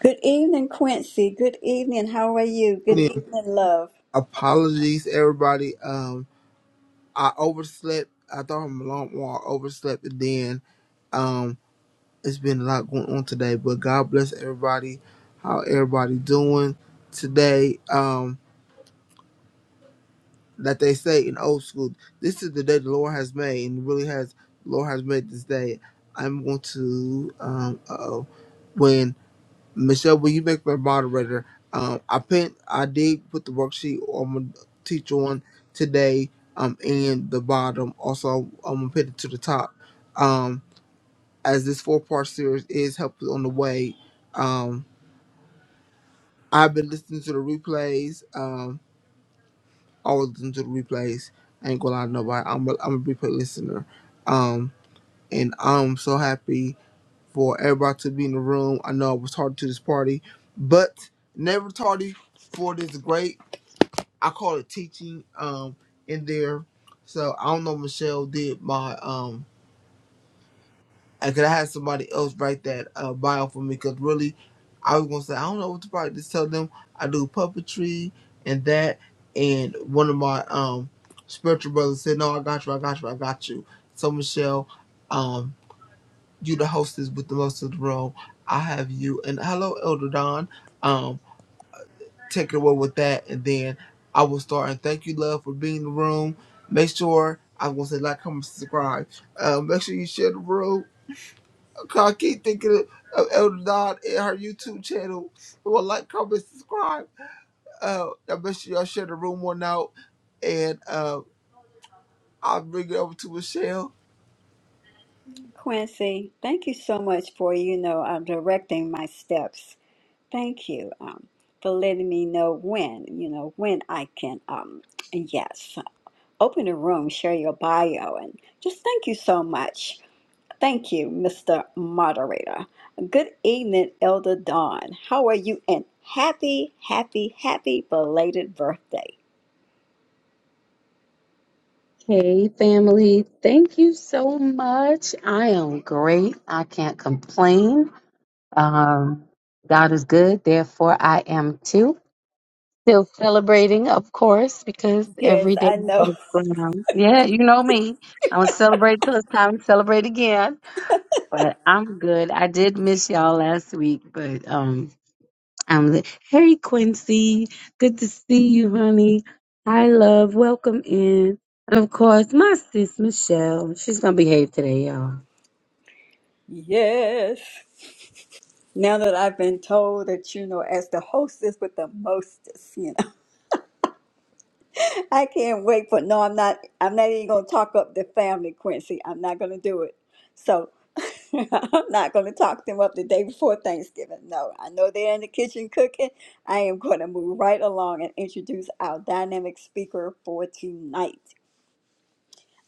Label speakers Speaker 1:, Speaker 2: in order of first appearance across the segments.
Speaker 1: Good evening, Quincy. Good evening. How are you? Good evening, love.
Speaker 2: Apologies, everybody. Um, I overslept. I thought I'm alarm well, I overslept, and then um, it's been a lot going on today. But God bless everybody. How everybody doing today? Um, that they say in old school, this is the day the Lord has made, and really has the Lord has made this day. I'm going to um, uh oh, when Michelle, will you make me a moderator? Um, I put I did put the worksheet I'm gonna teach on today. Um, in the bottom. Also, I'm gonna put it to the top. Um, as this four part series is helpful on the way. Um, I've been listening to the replays. Um, always listen to the replays. I ain't gonna lie to nobody. I'm a I'm a replay listener. Um, and I'm so happy. for everybody to be in the room. I know I was tardy to this party, but never tardy for this great, I call it teaching, um, in there. So I don't know, Michelle did my, um, I could have had somebody else write that uh, bio for me because really, I was gonna say I don't know what to write. Just tell them I do puppetry and that, and one of my um spiritual brothers said, "No, I got you, I got you, I got you." So Michelle, um you the hostess with the most of the room. I have you and hello Elder Don. Um, take it away with that and then I will start and thank you, love, for being in the room. Make sure I am gonna say like, comment, subscribe. Uh, make sure you share the room. Okay, I keep thinking of Elder Don and her YouTube channel. Well, like, comment, subscribe. Uh, and make sure y'all share the room one out. And uh, I'll bring it over to Michelle.
Speaker 1: Quincy, thank you so much for, you know, uh, directing my steps. Thank you um, for letting me know when, you know, when I can, um, yes, open the room, share your bio, and just thank you so much. Thank you, Mr. Moderator. Good evening, Elder Dawn. How are you? And happy, happy, happy belated birthday.
Speaker 3: Hey, family. Thank you so much. I am great. I can't complain. Um, God is good. Therefore, I am too. Still celebrating, of course, because
Speaker 1: Yes,
Speaker 3: every day
Speaker 1: I know.
Speaker 3: above ground. Yeah, you know me. I'm going to celebrate till it's time to celebrate again. But I'm good. I did miss y'all last week, but um, I'm the, hey Quincy, good to see you, honey. Hi, love. Welcome in, and of course, my sis Michelle. She's gonna behave today, y'all.
Speaker 1: Yes. Now that I've been told that, you know, as the hostess with the mostest, you know, I can't wait for, no, I'm not, I'm not even going to talk up the family, Quincy. I'm not going to do it. So I'm not going to talk them up the day before Thanksgiving. No, I know they're in the kitchen cooking. I am going to move right along and introduce our dynamic speaker for tonight.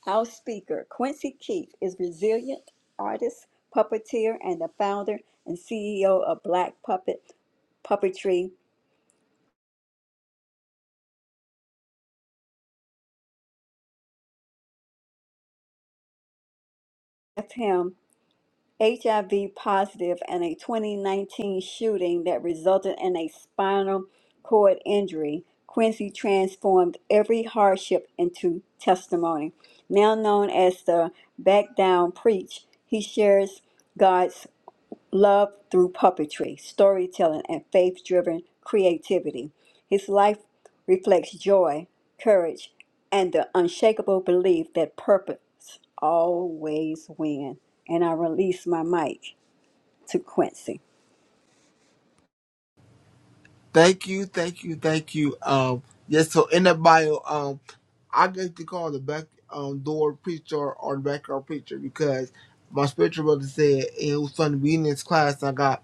Speaker 1: Our speaker, Quincy Keith, is resilient artist, puppeteer, and the founder and CEO of Black Puppet Puppetry. Left him HIV positive and a 2019 shooting that resulted in a spinal cord injury. Quincy transformed every hardship into testimony. Now known as the Back Down Preach, he shares. God's love through puppetry, storytelling, and faith driven creativity. His life reflects joy, courage, and the unshakable belief that purpose always wins. And I release my mic to Quincy.
Speaker 2: Thank you, thank you, thank you. Um, yes. So in the bio, um. I get to call the back um, door preacher or the backyard preacher because my spiritual brother said it was fun being in this class. I got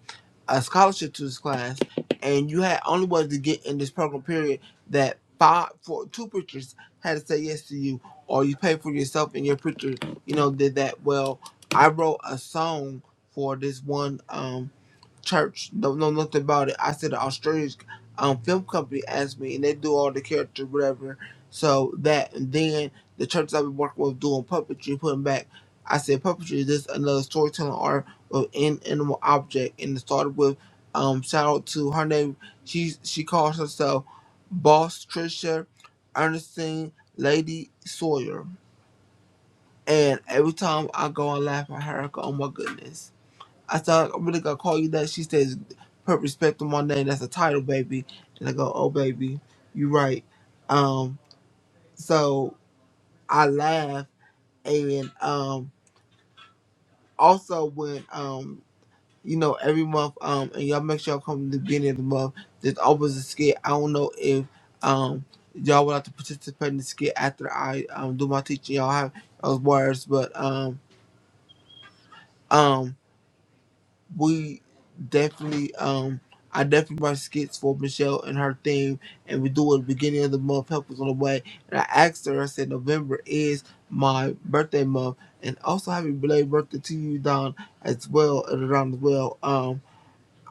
Speaker 2: a scholarship to this class, and you had only was to get in this program period that five, four, two preachers had to say yes to you, or you pay for yourself and your preacher, you know, did that. Well, I wrote a song for this one. Um, church. Don't know nothing about it. I said the Australian um, film company asked me, and they do all the characters whatever. So that, and then the church I've been working with doing puppetry, putting back. I said puppetry is just another storytelling art with an animal object, and it started with um shout out to her name. She she calls herself Boss Trisha Ernestine Lady Sawyer, and every time I go and laugh at her, I go, oh my goodness I said, I'm really gonna call you that. She says, put respect on my name. That's a title, baby. And I go, oh, baby, you right. Um, so I laugh. And um, also when, um, you know, every month, um, and y'all make sure y'all come to the beginning of the month, there's always a skit. I don't know if um, y'all would like to participate in the skit after I um, do my teaching. Y'all have those words, but um, um, we definitely um I definitely write skits for Michelle and her theme and we do it at the beginning of the month, help us on the way. And I asked her, I said November is my birthday month and also happy belated birthday to you, Don, as well and Don as well. Um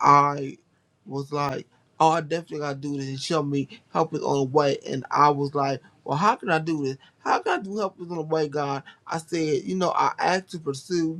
Speaker 2: I was like, Oh, I definitely gotta do this and show me help us on the way and I was like, Well how can I do this? How can I do help us on the way, God? I said, you know, I asked to pursue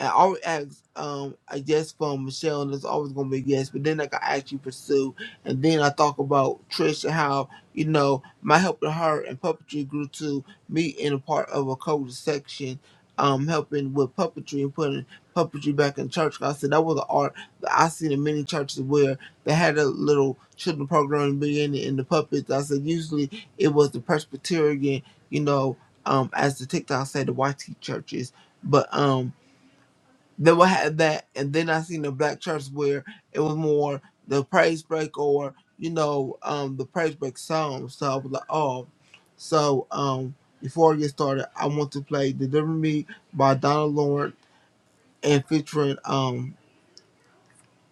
Speaker 2: I always ask um a yes from Michelle and it's always gonna be a yes, but then like I actually pursue and then I talk about Trish and how, you know, my help to her and puppetry grew to me in a part of a code section, um, helping with puppetry and putting puppetry back in church. 'Cause I said that was an art that I seen in many churches where they had a little children program being in the puppets. I said usually it was the Presbyterian, you know, um, as the TikTok said, the YT churches. But um then we had that, and then I seen the black church where it was more the praise break or you know um the praise break song. So I was like, oh, so um before I get started, I want to play "Deliver Me" by Donna Lawrence and featuring um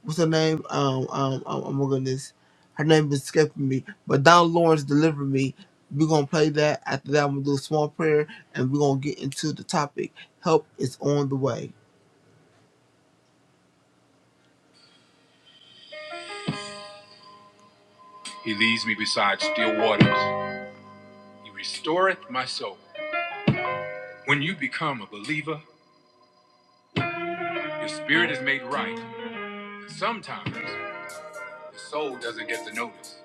Speaker 2: what's her name um um, um oh my goodness, her name is escaping me, but Donna Lawrence "Deliver Me." We're gonna play that. After that, I'm gonna do a small prayer, and we're gonna get into the topic. Help is on the way. He leads me beside still waters. He restoreth my soul. When you become a believer, your spirit is made right. Sometimes the soul doesn't get the notice.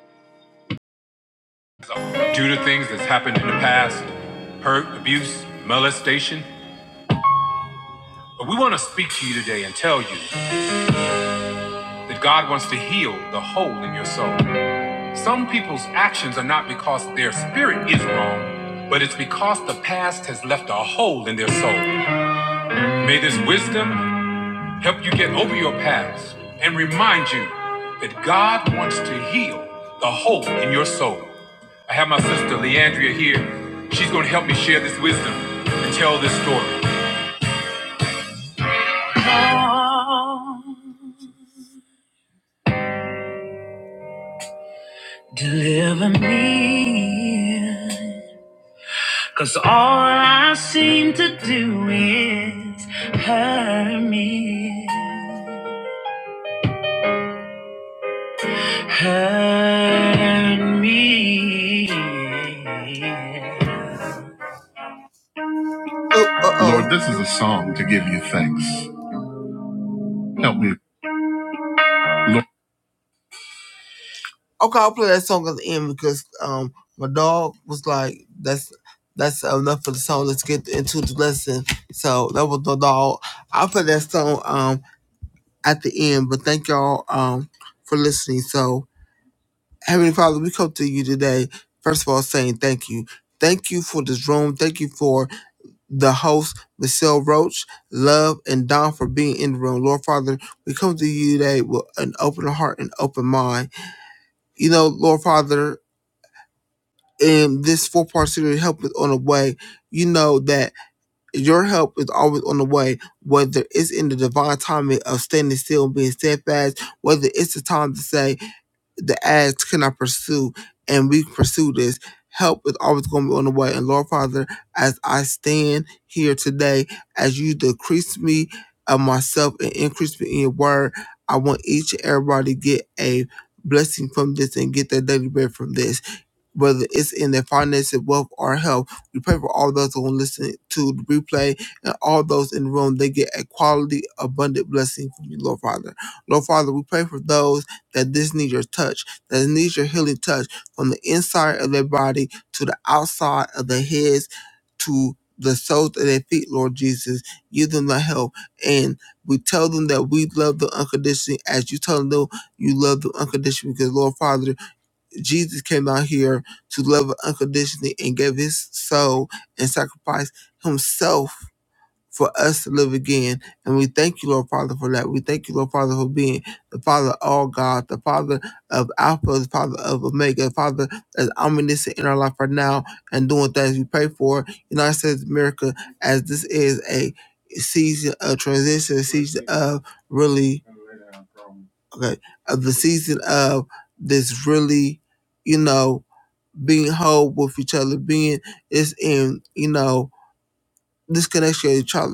Speaker 2: So, due to things that's happened in the past, hurt, abuse, molestation. But we want to speak to you today and tell you that God wants to heal the hole in your soul. Some people's actions are not because their spirit is wrong, but it's because the past has left a hole in their soul. May this wisdom help you get over your past and remind you that God wants to heal the hole in your soul. I have my sister Leandria here. She's going to help me share this wisdom and tell this story. Come, deliver me. Cause all I seem to do is hurt me. Hide me. Oh, oh, oh. Lord, this is a song to give you thanks. Help me, Lord. Okay, I'll play that song at the end because um my dog was like, "That's that's enough for the song. Let's get into the lesson." So that was the dog. I'll play that song um at the end. But thank y'all um for listening. So Heavenly Father, we come to you today. First of all, saying thank you. Thank you for this room. Thank you for the hosts, Michelle Roach, Love, and Don for being in the room. Lord Father, we come to you today with an open heart and open mind. You know, Lord Father, in this four part series, help is on the way. You know that your help is always on the way, whether it's in the divine timing of standing still and being steadfast, whether it's the time to say, the ads cannot pursue, and we pursue this. Help is always going to be on the way. And Lord Father, as I stand here today, as you decrease me of myself and increase me in your word, I want each and everybody to get a blessing from this and get their daily bread from this whether it's in their finances, wealth, or health. We pray for all those who listen to the replay and all those in the room. They get a quality, abundant blessing from you, Lord Father. Lord Father, we pray for those that this need your touch, that needs your healing touch from the inside of their body to the outside of their heads to the soles of their feet, Lord Jesus. Give them the help. And we tell them that we love them unconditionally as you tell them you love them unconditionally because, Lord Father, Jesus came out here to love unconditionally and gave his soul and sacrificed himself for us to live again. And we thank you, Lord Father, for that. We thank you, Lord Father, for being the Father of all God, the Father of Alpha, the Father of Omega, the Father that's omniscient in our life right now and doing things we pray for. United States of America, as this is a season of transition, a season of really, okay, of the season of this really, you know being whole with each other, being it's in you know this connection with each other,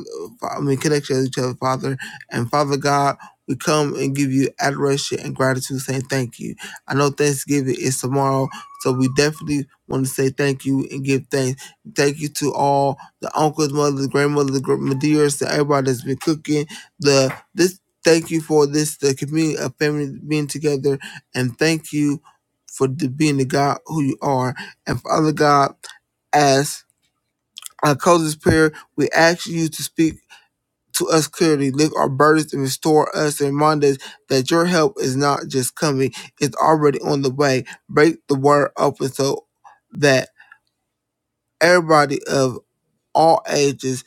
Speaker 2: I mean, connection with each other, Father. And Father God, we come and give you adoration and gratitude, saying thank you. I know Thanksgiving is tomorrow, so we definitely want to say thank you and give thanks. Thank you to all the uncles, mothers, grandmothers, gr- Madeiras, to everybody that's been cooking. The this thank you for this, the community of family being together, and thank you for the, being the God who you are. And Father God, as. Our coziest prayer, we ask you to speak to us clearly, lift our burdens and restore us and remind us that your help is not just coming, it's already on the way. Break the word open so that everybody of all ages,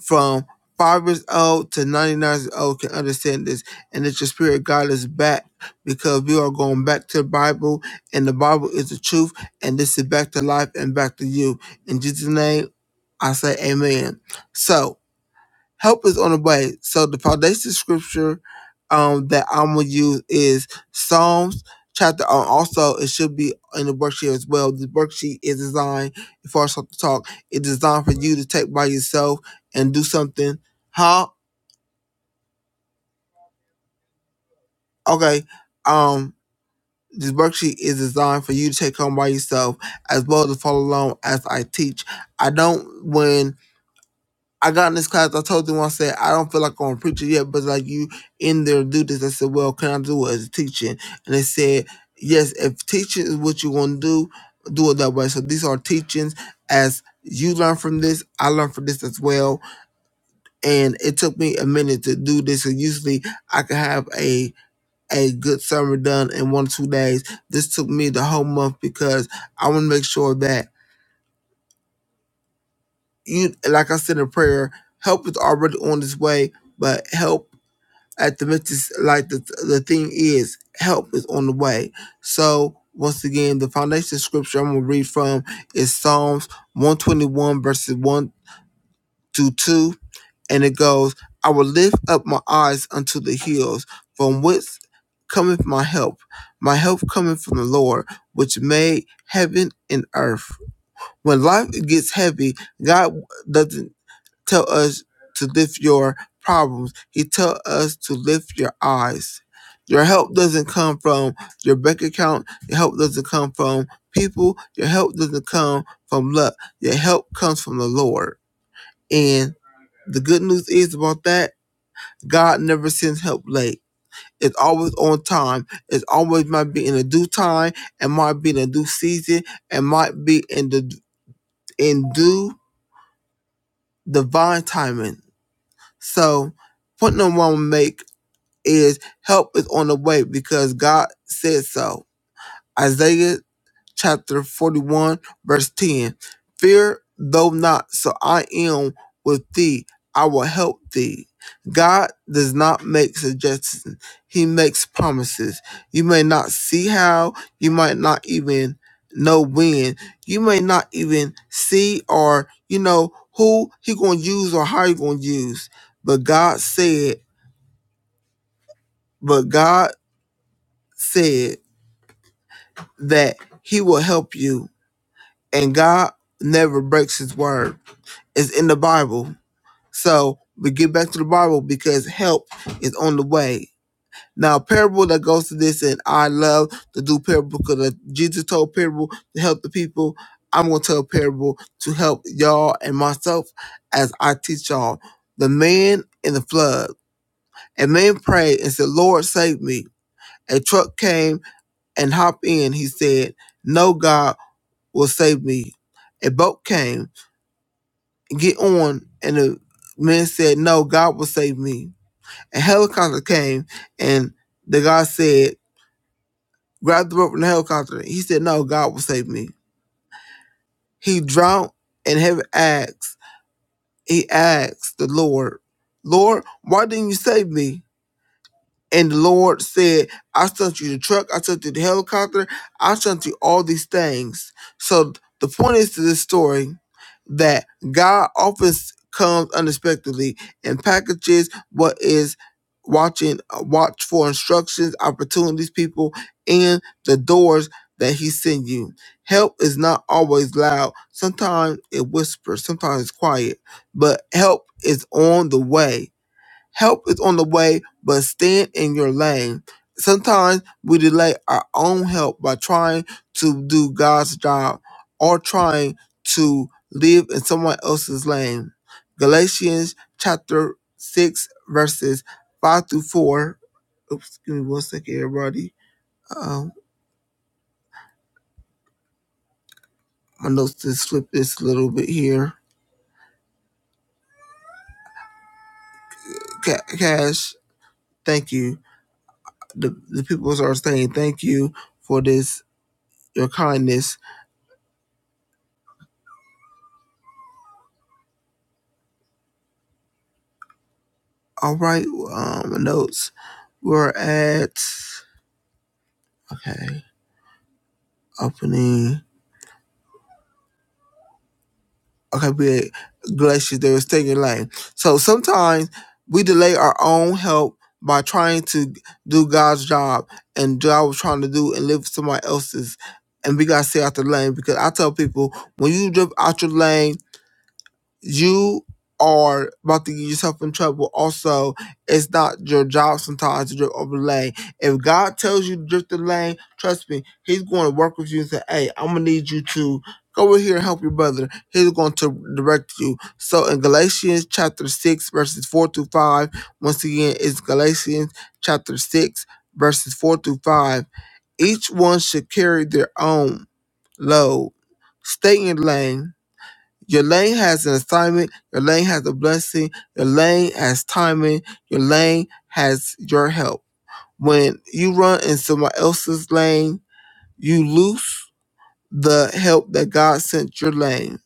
Speaker 2: from five years old to 99 years old, can understand this. And that your spirit guide us back because we are going back to the Bible, and the Bible is the truth, and this is back to life and back to you. In Jesus' name, I say amen. So, help is on the way. So the foundation scripture um, that I'm gonna use is Psalms chapter. Uh, also, it should be in the worksheet as well. The worksheet is designed for us to talk. It's designed for you to take by yourself and do something. Huh? Okay. Um, this worksheet is designed for you to take home by yourself as well to follow along as I teach. I don't when I got in this class. I told them I said I don't feel like I'm a preacher yet, but like you in there do this. I said, well, can I do it as a teaching? And they said, yes. If teaching is what you want to do, do it that way. So these are teachings as you learn from this. I learned from this as well, and it took me a minute to do this. And usually I could have a a good summer done in one or two days. This took me the whole month because I want to make sure that you, like I said in prayer, help is already on its way, but help. at the Memphis, like the the thing is, help is on the way. So once again, the foundation scripture I'm gonna read from is Psalms 121 verses 1 to 2, and it goes, I will lift up my eyes unto the hills, from whence cometh my help. My help cometh from the Lord, which made heaven and earth. When life gets heavy, God doesn't tell us to lift your problems. He tell us to lift your eyes. Your help doesn't come from your bank account. Your help doesn't come from people. Your help doesn't come from luck. Your help comes from the Lord. And the good news is about that, God never sends help late. It's always on time. It's always might be in a due time and might be in a due season and might be in the in due divine timing. So point number one make is help is on the way because God said so. Isaiah chapter 41, verse 10. Fear though not, so I am with thee. I will help thee. God does not make suggestions, He makes promises. You may not see how, you might not even know when, you may not even see or, you know, who He going to use or how He going to use. But God said, but God said, that he will help you and God never breaks his word. It's in the Bible. So we get back to the Bible because help is on the way. Now, a parable that goes to this, and I love to do parable because Jesus told parable to help the people. I'm going to tell parable to help y'all and myself as I teach y'all. The man in the flood. A man prayed and said, Lord, save me. A truck came and hopped in. He said, No, God, will save me. A boat came, get on, and the men said, No, God will save me. A helicopter came, and the guy said, Grab the rope from the helicopter. He said, No, God will save me. He drowned and heaven asked, He asked the Lord, Lord, why didn't you save me? And the Lord said, I sent you the truck, I sent you the helicopter, I sent you all these things. So the point is to this story that God often comes unexpectedly and packages what is watching watch for instructions, opportunities, people, and the doors that he sent you. Help is not always loud. Sometimes it whispers, sometimes it's quiet, but help is on the way. Help is on the way, but stand in your lane. Sometimes we delay our own help by trying to do God's job or trying to live in someone else's lane. Galatians chapter 6, verses 5 through 4. Oops, give me one second, everybody. Um, my notes just slipped this a little bit here. Ca- Cash, thank you. The, the people are saying thank you for this, your kindness All right, um, my notes. We're at okay opening. Okay, we at Glaciers. They were taking lane. So sometimes we delay our own help by trying to do God's job and do what I was trying to do and live for somebody else's. And we gotta stay out the lane because I tell people when you drift out your lane you are about to get yourself in trouble. Also, it's not your job sometimes to drift over the lane. If God tells you to drift the lane, trust me, He's going to work with you and say, Hey, I'm going to need you to go over here and help your brother. He's going to direct you. So, in Galatians chapter 6, verses 4 through 5, once again, it's Galatians chapter 6, verses 4 through 5. Each one should carry their own load. Stay in lane your lane has an assignment. Your lane has a blessing. Your lane has timing. Your lane has your help. When you run in someone else's lane, you lose the help that God sent your lane.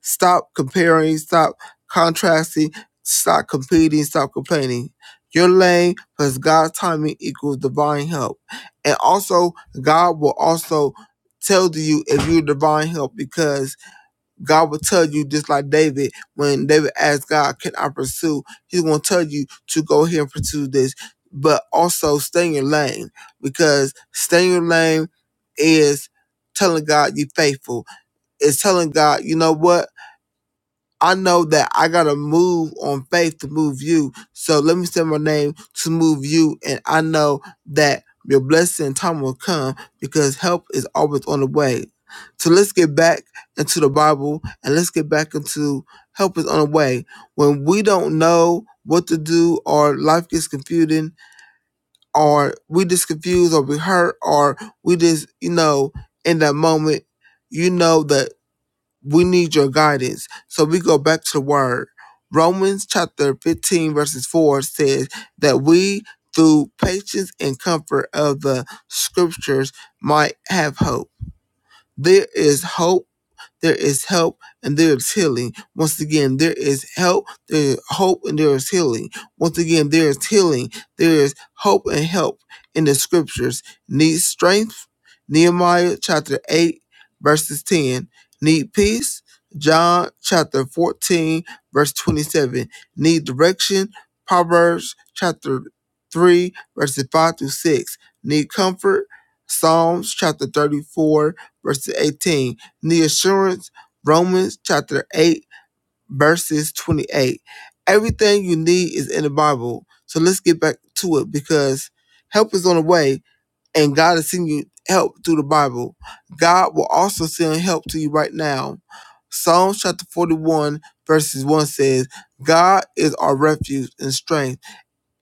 Speaker 2: Stop comparing. Stop contrasting. Stop competing. Stop complaining. Your lane plus God's timing equals divine help. And also, God will also tell you if you're divine help because God will tell you just like David, when David asked God, Can I pursue? He's gonna tell you to go here and pursue this. But also stay in your lane because stay in your lane is telling God you're faithful. It's telling God, you know what? I know that I gotta move on faith to move you. So let me send my name to move you, and I know that your blessing and time will come because help is always on the way. So let's get back into the Bible and let's get back into help is on the way. When we don't know what to do, or life gets confusing, or we just confused, or we hurt, or we just you know in that moment, you know that we need your guidance. So we go back to the word. Romans chapter 15, verses 4 says that we, through patience and comfort of the scriptures, might have hope. There is hope there is help and there is healing. Once again, there is help, there is hope, and there is healing. Once again, there is healing, there is hope and help in the scriptures. Need strength, Nehemiah chapter 8, verses 10. Need peace, John chapter 14, verse 27. Need direction, Proverbs chapter 3, verses 5 through 6. Need comfort, Psalms chapter 34, verse 18 the assurance, Romans chapter 8, verses 28. Everything you need is in the Bible. So let's get back to it because help is on the way and God is sending you help through the Bible. God will also send help to you right now. Psalms chapter 41, verses 1 says, God is our refuge and strength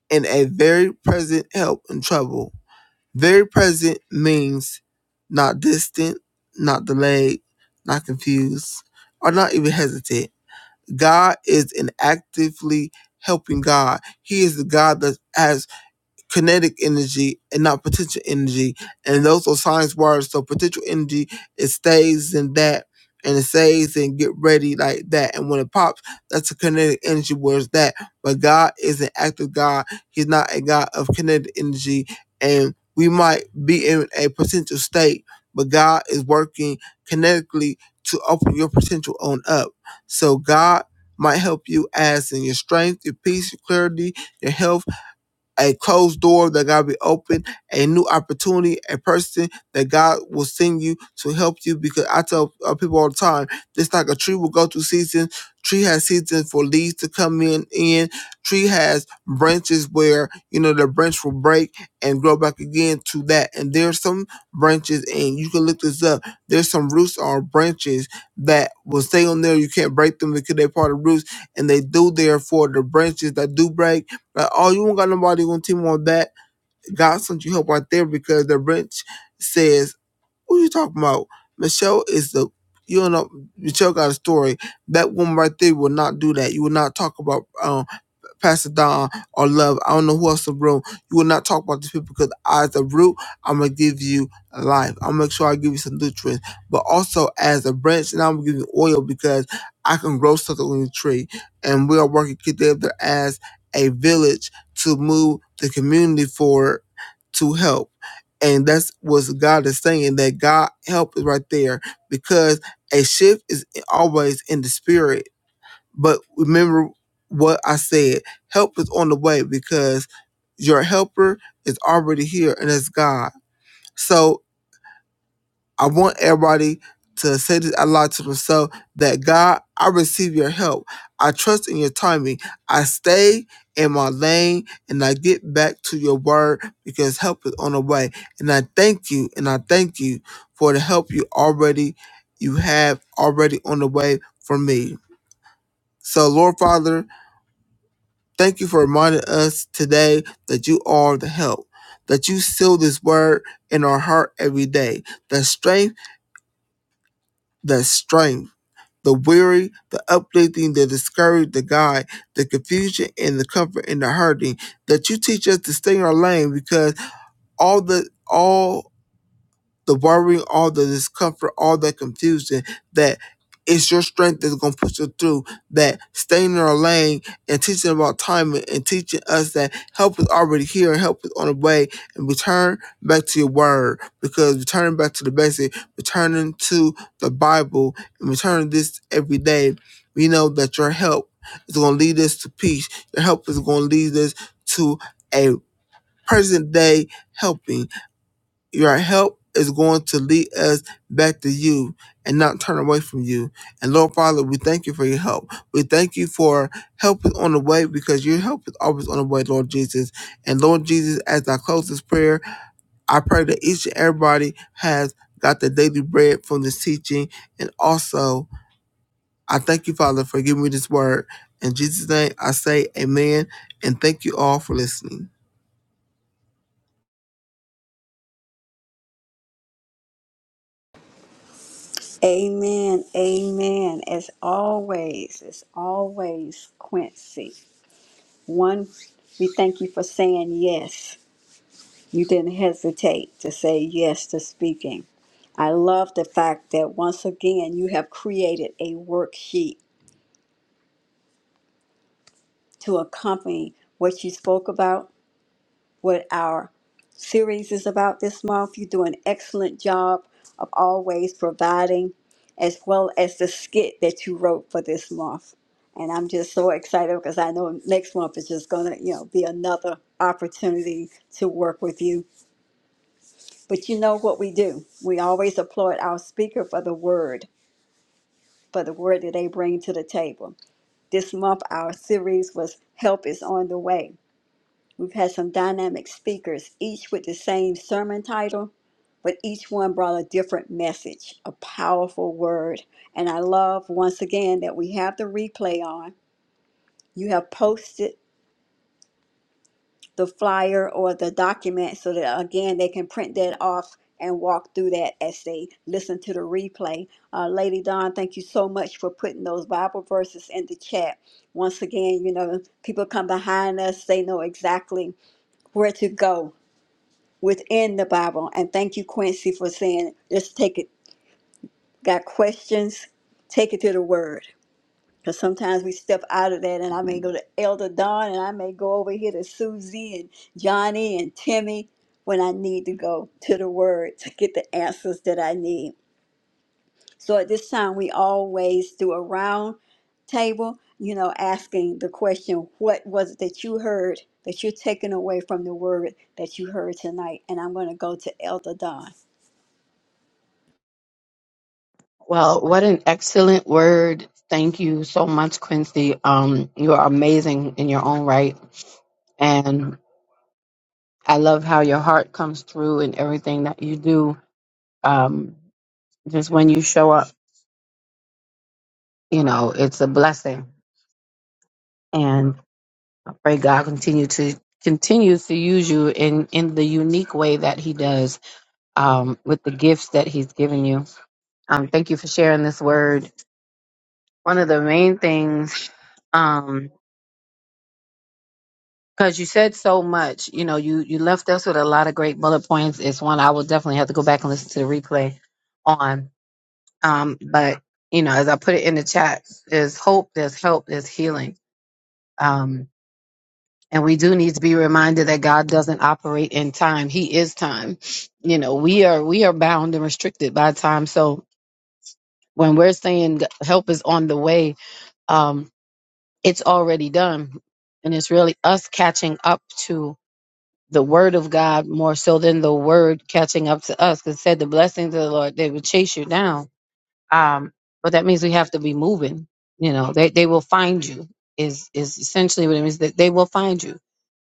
Speaker 2: and a very present help in trouble. Very present means not distant, not delayed, not confused, or not even hesitant. God is an actively helping God. He is the God that has kinetic energy and not potential energy. And those are science words. So potential energy, it stays in that and it stays and get ready like that. And when it pops, that's a kinetic energy whereas that. But God is an active God. He's not a God of kinetic energy. And we might be in a potential state, but God is working kinetically to open your potential on up. So God might help you as in your strength, your peace, your clarity, your health a closed door that God be open, a new opportunity, a person that God will send you to help you. Because I tell uh, people all the time, just like a tree will go through seasons, tree has seasons for leaves to come in. In tree has branches where you know the branch will break and grow back again to that. And there's some branches, and you can look this up. There's some roots or branches that will stay on there. You can't break them because they're part of roots, and they do therefore the branches that do break. Like, oh, you won't got nobody on team on that. God sent you help right there because the wrench says, What you talking about? Michelle is the you don't know Michelle got a story. That woman right there will not do that. You will not talk about um. Pastor Don or Love. I don't know who else in the room. You will not talk about these people because as a root, I'm gonna give you life. I'm gonna make sure I give you some nutrients, but also as a branch, and I'm gonna give you oil because I can grow something on the tree. And we are working together as a village to move the community forward to help. And that's what God is saying that God help is right there because a shift is always in the spirit but remember what I said help is on the way because your helper is already here and it's God. So I want everybody to say this out loud to themselves that God, I receive your help. I trust in your timing. I stay in my lane and I get back to your word because help is on the way. And I thank you and I thank you for the help you already you have already on the way for me. So Lord Father, Thank you for reminding us today that you are the help, that you seal this word in our heart every day. The strength, the strength, the weary, the uplifting, the discouraged, the guide, the confusion, and the comfort in the hurting. That you teach us to stay in our lane because all the all the worrying, all the discomfort, all that confusion, that it's your strength that's going to push you through, that staying in our lane and teaching about timing and teaching us that help is already here and help is on the way and return back to your word because returning back to the basic, returning to the Bible and returning this every day, we know that your help is going to lead us to peace. Your help is going to lead us to a present day helping your help is going to lead us back to you and not turn away from you. And Lord Father, we thank you for your help. We thank you for help is on the way because your help is always on the way, Lord Jesus. And Lord Jesus, as I close this prayer, I pray that each and everybody has got the daily bread from this teaching and also I thank you, Father, for giving me this word. In Jesus' name, I say amen. And thank you all for listening.
Speaker 1: Amen, amen. As always, as always, Quincy. One, we thank you for saying yes. You didn't hesitate to say yes to speaking. I love the fact that once again you have created a worksheet to accompany what you spoke about, what our series is about this month. You do an excellent job of always providing, as well as the skit that you wrote for this month. And I'm just so excited because I know next month is just going to, you know, be another opportunity to work with you But you know what we do? We always applaud our speaker for the word, for the word that they bring to the table. This month, our series was Help is on the Way. We've had some dynamic speakers, each with the same sermon title, but each one brought a different message, a powerful word. And I love once again that we have the replay on. You have posted the flyer or the document so that again they can print that off and walk through that as they listen to the replay. Uh, Lady Dawn, thank you so much for putting those Bible verses in the chat. Once again, you know, people come behind us, they know exactly where to go within the Bible. And thank you, Quincy, for saying, let's take it. Got questions? Take it to the Word because sometimes we step out of that, and I may go to Elder Don, and I may go over here to Susie and Johnny and Timmy when I need to go to the Word to get the answers that I need. So at this time, we always do a round table, you know, asking the question, What was it that you heard that you're taking away from the Word that you heard tonight? And I'm going to go to Elder Don.
Speaker 3: Well, what an excellent word. Thank you so much, Quincy. Um, you are amazing in your own right. And I love how your heart comes through in everything that you do. Um, just when you show up, you know, it's a blessing. I pray God continue to continues to use you in in the unique way that He does um, with the gifts that He's given you. Um, thank you for sharing this word. One of the main things, um, because you said so much, you know, you you left us with a lot of great bullet points. It's one I will definitely have to go back and listen to the replay on. Um, but you know, as I put it in the chat, there's hope, there's help, there's healing. Um, And we do need to be reminded that God doesn't operate in time. He is time. You know, we are we are bound and restricted by time. So when we're saying g- help is on the way, um, it's already done. And it's really us catching up to the word of God more so than the word catching up to us. Because it said the blessings of the Lord, they would chase you down um, but that means we have to be moving. You know, they, they will find you is is essentially what it means that they will find you.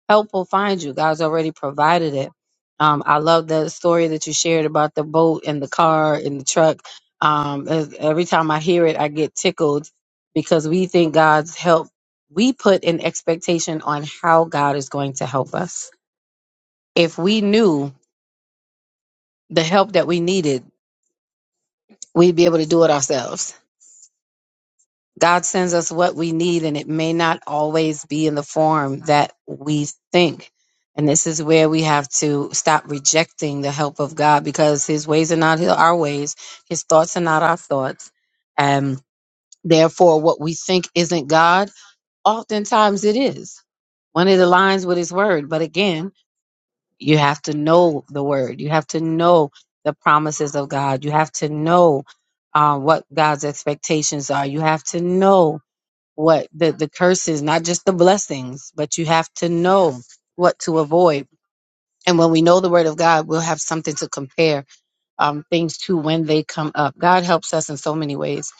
Speaker 3: Help will find you. God's already provided it. Um, I love the story that you shared about the boat and the car and the truck. Um, e- every time I hear it, I get tickled because we think God's help. We put an expectation on how God is going to help us. If we knew the help that we needed, we'd be able to do it ourselves God sends us what we need, and it may not always be in the form that we think. And this is where we have to stop rejecting the help of God because His ways are not our ways, His thoughts are not our thoughts. And therefore, what we think isn't God, oftentimes it is. When it aligns with His word. But again, you have to know the word, you have to know the promises of God, you have to know uh, what God's expectations are, you have to know what the the curses, not just the blessings, but you have to know what to avoid. And when we know the word of God, we'll have something to compare um, things to when they come up. God helps us in so many ways.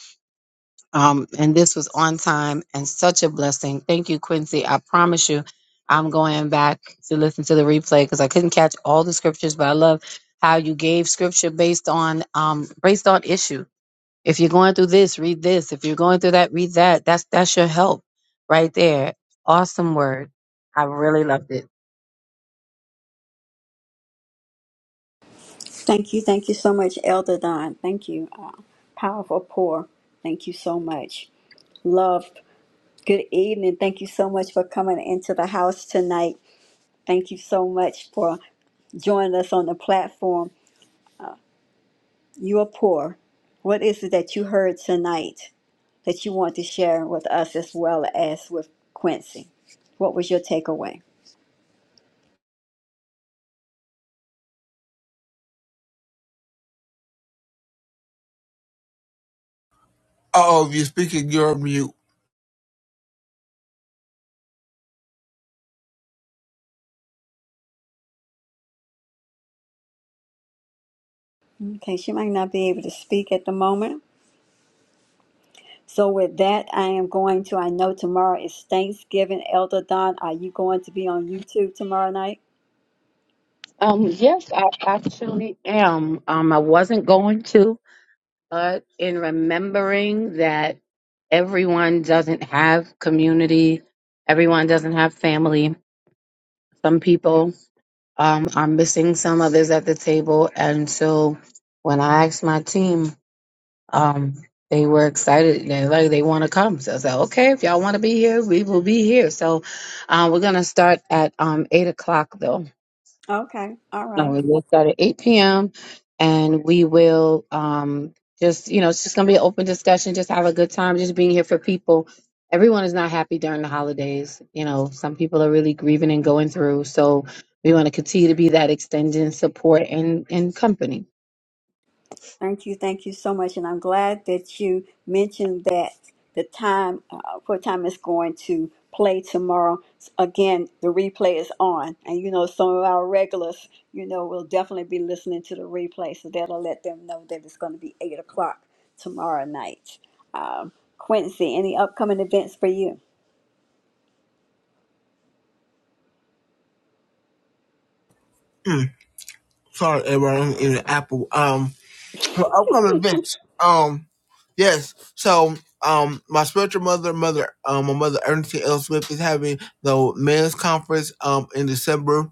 Speaker 3: Um, and this was on time and such a blessing. Thank you, Quincy. I promise you, I'm going back to listen to the replay because I couldn't catch all the scriptures, but I love how you gave scripture based on um, based on issue if you're going through this, read this. If you're going through that, read that. That's that's your help right there. Awesome word. I really loved it.
Speaker 1: Thank you. Thank you so much, Elder Don. Thank you. Uh, powerful pour. Thank you so much. Love. Good evening. Thank you so much for coming into the house tonight. Thank you so much for joining us on the platform. You are poor. What is it that you heard tonight that you want to share with us as well as with Quincy? What was your takeaway?
Speaker 2: Oh, if you're speaking, you're on mute.
Speaker 1: Okay, she might not be able to speak at the moment. So, with that, I am going to. I know tomorrow is Thanksgiving. Elder Don, are you going to be on YouTube tomorrow night?
Speaker 3: Um, yes, I actually am. Um, I wasn't going to, but in remembering that everyone doesn't have community, everyone doesn't have family. Some people um, are missing some others at the table, and so when I asked my team Um, they were excited and like they want to come. So I said, okay, if y'all want to be here, we will be here. So uh, we're gonna start at um, eight o'clock though.
Speaker 1: Okay, all right.
Speaker 3: Um, we will start at 8 p.m. and we will um, just, you know, it's just going to be an open discussion, just have a good time, just being here for people. Everyone is not happy during the holidays. You know, some people are really grieving and going through. So we want to continue to be that extending support and, and company.
Speaker 1: Thank you, thank you so much, and I'm glad that you mentioned that the time, uh, what time it's going to play tomorrow. Again, the replay is on, and you know some of our regulars, you know, will definitely be listening to the replay, so that'll let them know that it's going to be eight o'clock tomorrow night. Um, Quincy, any upcoming events for you,
Speaker 2: Mm, sorry, everyone. I'm in the Apple. Um, for upcoming events. Um, yes. So, um, my spiritual mother, mother, um, my mother Ernestine L. Swift is having the men's conference um in December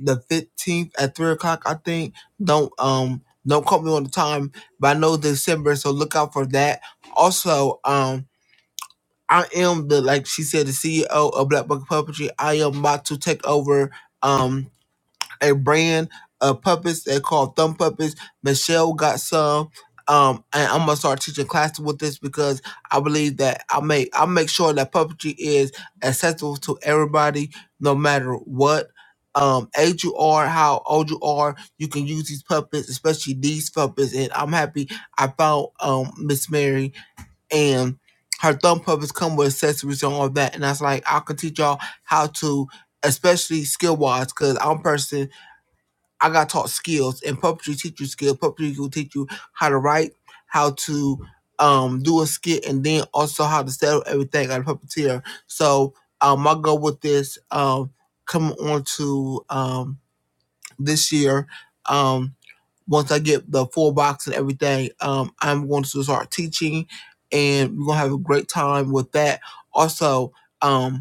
Speaker 2: the fifteenth at three o'clock. I think. Don't um don't quote me on the time, but I know December, so look out for that. Also, um. I am the like she said the CEO of Black Bucket Puppetry. I am about to take over. Um, a brand of puppets. They called thumb puppets. Michelle got some. Um, and I'm gonna start teaching classes with this because I believe that I make I make sure that puppetry is accessible to everybody, no matter what um age you are, how old you are. You can use these puppets, especially these puppets. And I'm happy I found um Miss Mary and her thumb puppets come with accessories and all that. And I was like, I can teach y'all how to, especially skill wise, because I'm a person I got taught skills, and puppetry teach you skills. Puppetry will teach you how to write, how to um do a skit, and then also how to settle everything at a puppeteer. So um, my goal with this um coming on to um this year um once I get the full box and everything, um I'm going to start teaching, and we're gonna have a great time with that. Also. Um,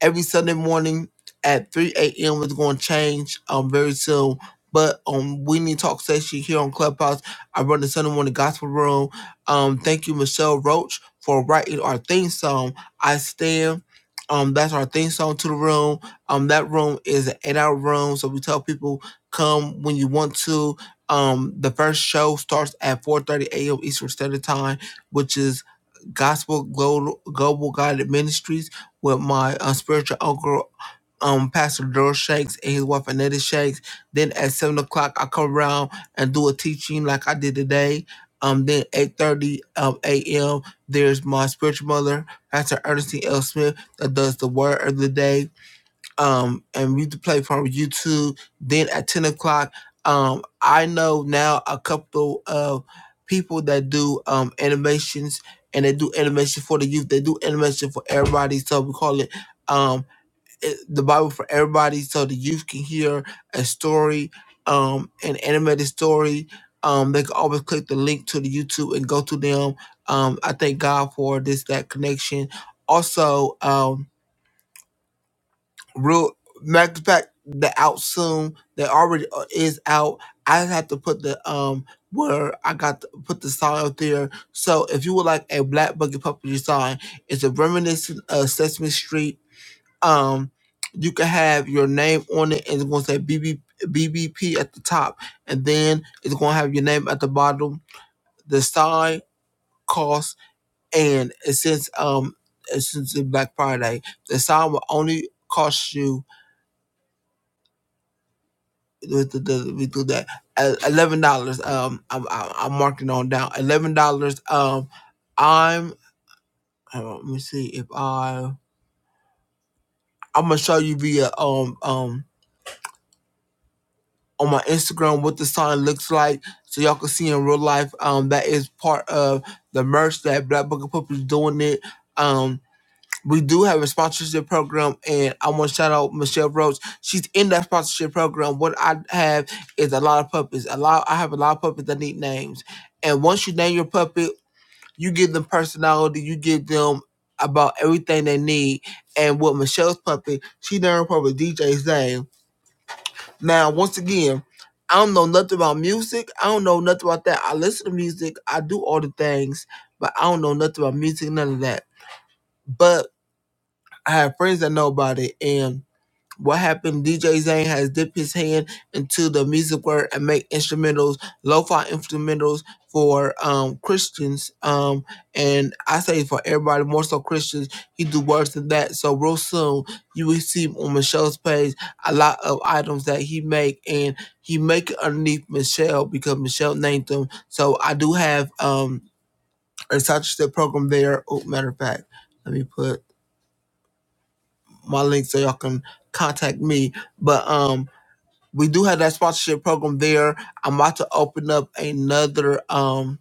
Speaker 2: every Sunday morning at 3 a.m. is going to change um very soon. But on We Need Talk Session here on Clubhouse, I run the Sunday morning gospel room. Um, thank you, Michelle Roach, for writing our theme song, I Stand. Um, that's our theme song to the room. Um, that room is an eight-hour room, so we tell people come when you want to. Um, the first show starts at 4:30 a.m. Eastern Standard Time, which is Gospel Global, Global Guided Ministries with my uh, spiritual uncle, um, Pastor Daryl Shanks and his wife Annette Shanks. Then at seven o'clock, I come around and do a teaching like I did today. Um, then eight thirty um, a.m. There's my spiritual mother, Pastor Ernestine L. Smith, that does the word of the day um, and we do play from YouTube. Then at ten o'clock, um, I know now a couple of people that do um animations, and they do animation for the youth. They do animation for everybody, so we call it um it- the Bible for everybody, so the youth can hear a story, um, an animated story. Um, they can always click the link to the YouTube and go to them. Um, I thank God for this that connection. Also, um, real matter of fact the out soon that already uh, is out i just have to put the um where i got to put the sign out there so if you would like a black buggy puppetry sign it's a reminiscent of sesame street um you can have your name on it and it's going to say BB, bbp at the top and then it's going to have your name at the bottom the sign costs, and it says um uh, since it's black friday the sign will only cost you with the, the, we do that Uh, eleven dollars. Um, I'm, I'm I'm marking on down eleven dollars. Um, I'm uh, let me see if I I'm gonna show you via um um on my Instagram what the sign looks like so y'all can see in real life. Um, that is part of the merch that Black Book of Puppets doing it. Um. We do have a sponsorship program, and I want to shout out Michelle Roach. She's in that sponsorship program. What I have is a lot of puppies. A lot. I have a lot of puppies. that need names, and once you name your puppy, you give them personality. You give them about everything they need. And with Michelle's puppy, she named her puppet DJ's name. Now, once again, I don't know nothing about music. I don't know nothing about that. I listen to music. I do all the things, but I don't know nothing about music. None of that. But I have friends that know about it. And what happened, DJ Zane has dipped his hand into the music world and make instrumentals, lo-fi instrumentals for um Christians. Um and I say for everybody, more so Christians, he do worse than that. So real soon you will see on Michelle's page a lot of items that he make and he make it underneath Michelle because Michelle named them. So I do have um a sponsorship program there. Oh matter of fact, let me put my link so y'all can contact me. But um, we do have that sponsorship program there. I'm about to open up another um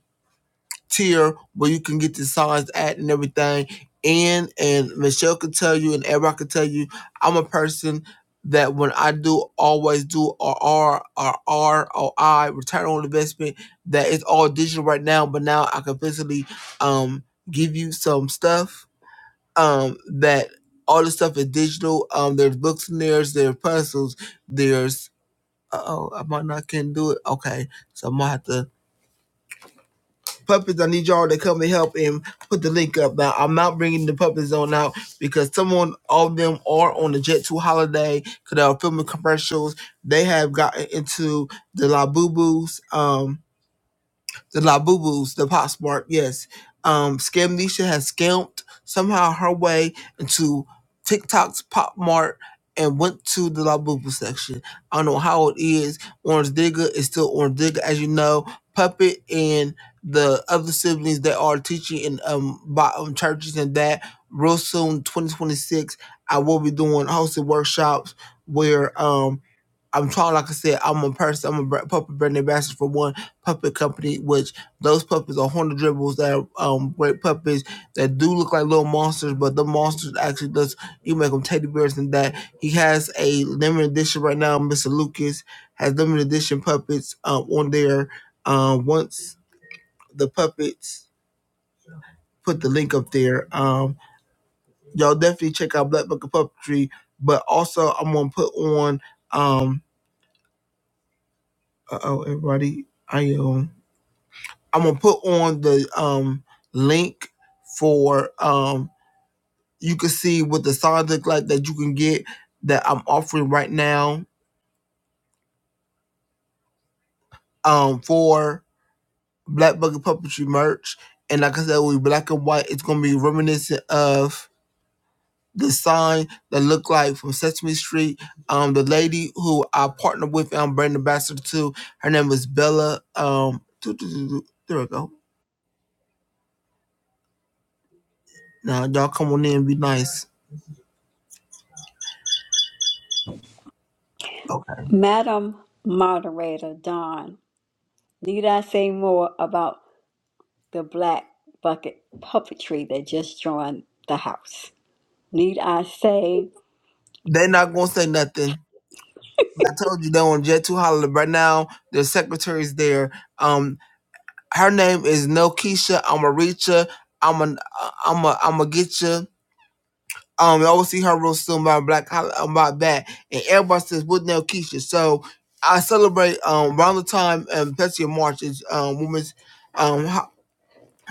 Speaker 2: tier where you can get the songs at and everything. And and Michelle can tell you, and everybody can tell you, I'm a person that when I do always do a R or return on investment that it's all digital right now, but now I can physically um give you some stuff um, that all the stuff is digital. Um, there's books and there's there's puzzles. There's oh, I might not can do it. Okay, so I'm gonna have to puppets. I need y'all to come and help and put the link up. Now I'm not bringing the puppet on out because someone all of them are on the Jet Two holiday because they are filming commercials. They have gotten into the La Boo Boos. Um, the Labubus, Boo Boos, the PopSmart, yes. Um, Scamnesia has scammed somehow her way into TikTok's Pop Mart and went to the Labubu section. I don't know how it is. Orange Digger is still Orange Digger, as you know. Puppet and the other siblings that are teaching in um, by, um churches and that. Real soon, 2026, I will be doing hosted workshops where um I'm trying, like I said, I'm a person, I'm a br- puppet brand ambassador for one puppet company, which those puppets are horned dribbles they are um, great puppets that do look like little monsters, but the monsters actually does you make them teddy bears and that. He has a limited edition right now. Mr. Lucas has limited edition puppets um, on there. Um, once the puppets put the link up there, um, y'all definitely check out Black Book of Puppetry. But also, I'm gonna put on um, uh oh, everybody, I am. I'm gonna put on the um link for um you can see what the signs look like that you can get that I'm offering right now um for Black Bucket Puppetry merch. And like I said, we black and white. It's gonna be reminiscent of the sign that looked like from Sesame Street. Um, the lady who I partnered with, I'm brand ambassador to. Her name was Bella. Um, doo, doo, doo, doo. there we go. Now y'all come on in, and be nice. Okay.
Speaker 1: Madam Moderator Don? Need I say more about the Black Bucket puppetry that just joined the house? Need I say
Speaker 2: They're not gonna say nothing. I told you they're on Jet to Holiday right now. The secretary's there. Um, her name is Nokisha. I'ma reach her. I'ma I'ma I'ma get you. Um, I will see her real soon about Black Hol- about that. And everybody says with Nokisha. So I celebrate um around the time um especially in March is um Women's um ho-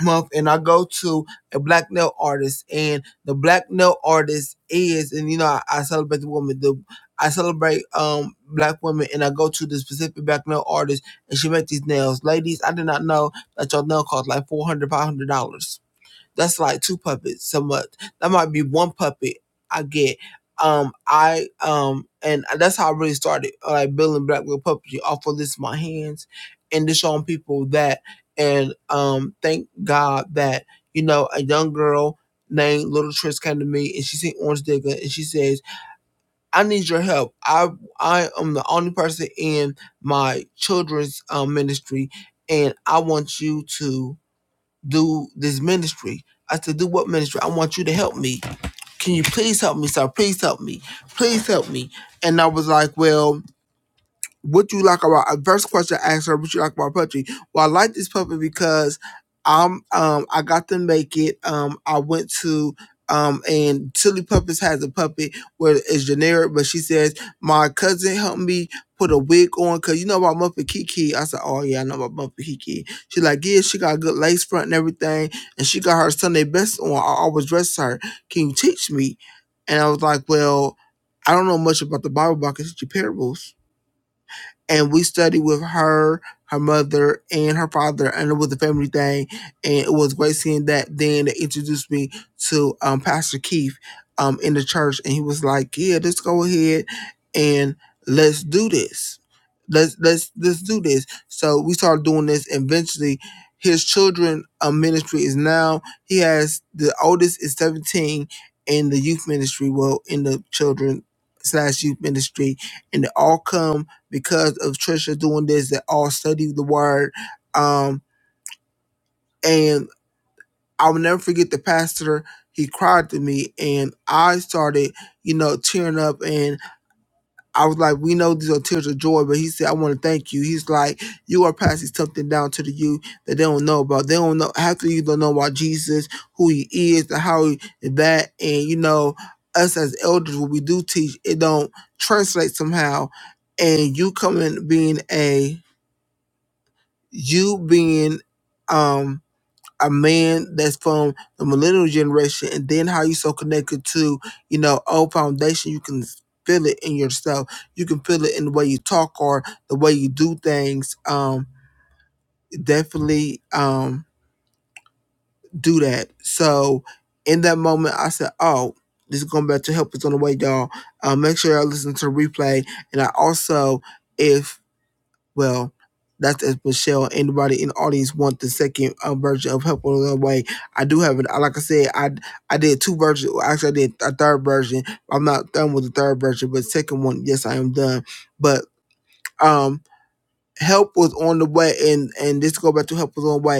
Speaker 2: month and I go to a black nail artist and the black nail artist is and you know I, I celebrate the woman the I celebrate um black women and I go to the specific black nail artist and she make these nails. Ladies, I did not know that your nail cost like four hundred five hundred dollars that's like two puppets so much. That might be one puppet I get. Um, I um, and that's how I really started uh, like building black with puppetry off of this in my hands, and just showing people that. And um, thank God that you know a young girl named Little Trish came to me and she seen Orange Digger and she says, "I need your help. I I am the only person in my children's um, ministry, and I want you to." do this ministry. I said, do what ministry? I want you to help me. Can you please help me, sir? Please help me. Please help me. And I was like, well, what you like about a first question I asked her what you like about puppetry? Well, I like this puppet because I'm um I got to make it. Um I went to um and Silly Puppets has a puppet where it's generic, but she says, My cousin helped me put a wig on because you know about Muppet Kiki. I said, Oh yeah, I know about Muppet Kiki. She like, Yeah, she got a good lace front and everything, and she got her Sunday best on. I always dress her. Can you teach me? And I was like, Well, I don't know much about the Bible, but I can teach you parables and we studied with her, her mother, and her father, and it was a family thing. And it was great seeing that. Then they introduced me to um, Pastor Keith um, in the church, and he was like, "Yeah, let's go ahead and let's do this. Let's let's let's do this." So we started doing this. and Eventually, his children uh, ministry is now he has the oldest is seventeen in the youth ministry. Well, in the children slash youth ministry, and they all come because of Trisha doing this that all studied the word. Um, and I will never forget the pastor. He cried to me, and I started, you know, tearing up. And I was like, "We know these are tears of joy," but he said, "I want to thank you." He's like, "You are passing something down to the youth that they don't know about. They don't know half of you don't know about Jesus, who he is, and how he, and that." And you know, us as elders, what we do teach, it don't translate somehow. And you coming being a you being um a man that's from the millennial generation and then how you so connected to you know old foundation you can feel it in yourself you can feel it in the way you talk or the way you do things um definitely um do that so in that moment i said oh this is going back to help us on the way y'all uh, make sure y'all listen to the replay and i also if Well, that's it, Michelle. Anybody in the audience want the second uh, version of Help on the Way? I do have it. I- Like I said, I I did two versions. Well, Actually, I did a third version. I'm not done with the third version, but second one, yes, I am done. But um, help was on the way, and and this go back to help was on the way.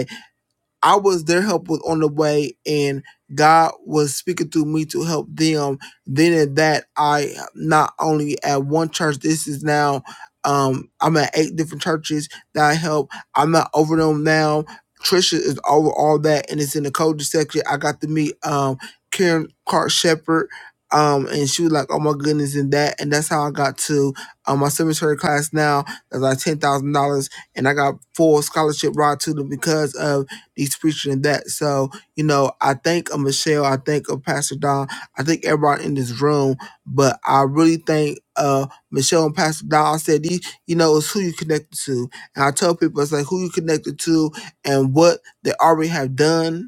Speaker 2: I was their help was on the way, and God was speaking through me to help them. Then at that, I not only at one church. This is now, um, I'm at eight different churches that I help. I'm not over them now. Trisha is over all that, and it's in the culture section. I got to meet um Karen Clark Shepherd. Um, and she was like, "Oh my goodness," and that, and that's how I got to um, my cemetery class now. That's like ten thousand dollars, and I got full scholarship ride to them because of He's preaching and that. So, you know, I think of Michelle, I think of Pastor Don, I think everybody in this room, but I really think uh Michelle and Pastor Don I said these, you know, it's who you connected to. And I tell people it's like who you connected to and what they already have done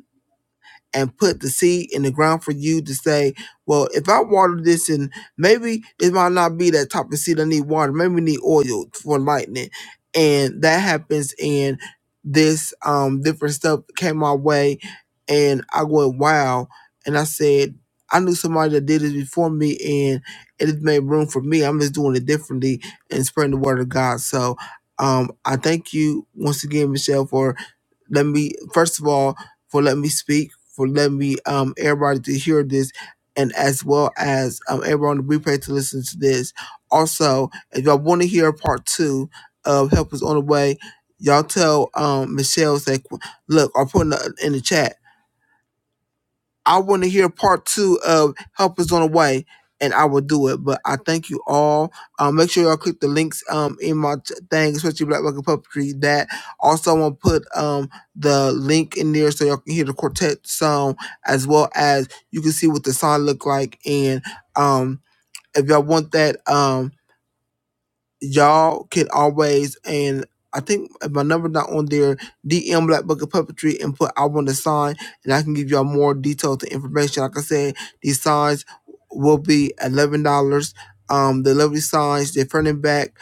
Speaker 2: and put the seed in the ground for you to say, well, if I water this and maybe it might not be that type of seed I need water. Maybe we need oil for lightning. And that happens and this um different stuff came my way and I went, wow. And I said, I knew somebody that did this before me and it has made room for me. I'm just doing it differently and spreading the word of God. So um I thank you once again, Michelle, for let me first of all for letting me speak for letting me um everybody to hear this and as well as um everyone on the replay to listen to this also if y'all want to hear part two of help is on the way y'all tell um michelle say look i'll put in the, in the chat I want to hear part two of Help Is On the Way, and I will do it. But I thank you all. Um, make sure y'all click the links um in my t- thing, especially Black Bucket Puppetry. That also I'm gonna put um the link in there so y'all can hear the quartet song as well as you can see what the song look like. And um, if y'all want that um y'all can always and I think if my number not on there, DM Black Bucket Puppetry and put I want a sign and I can give y'all more details and information. Like I said, these signs will be eleven dollars. Um the lovely signs, they're front and back,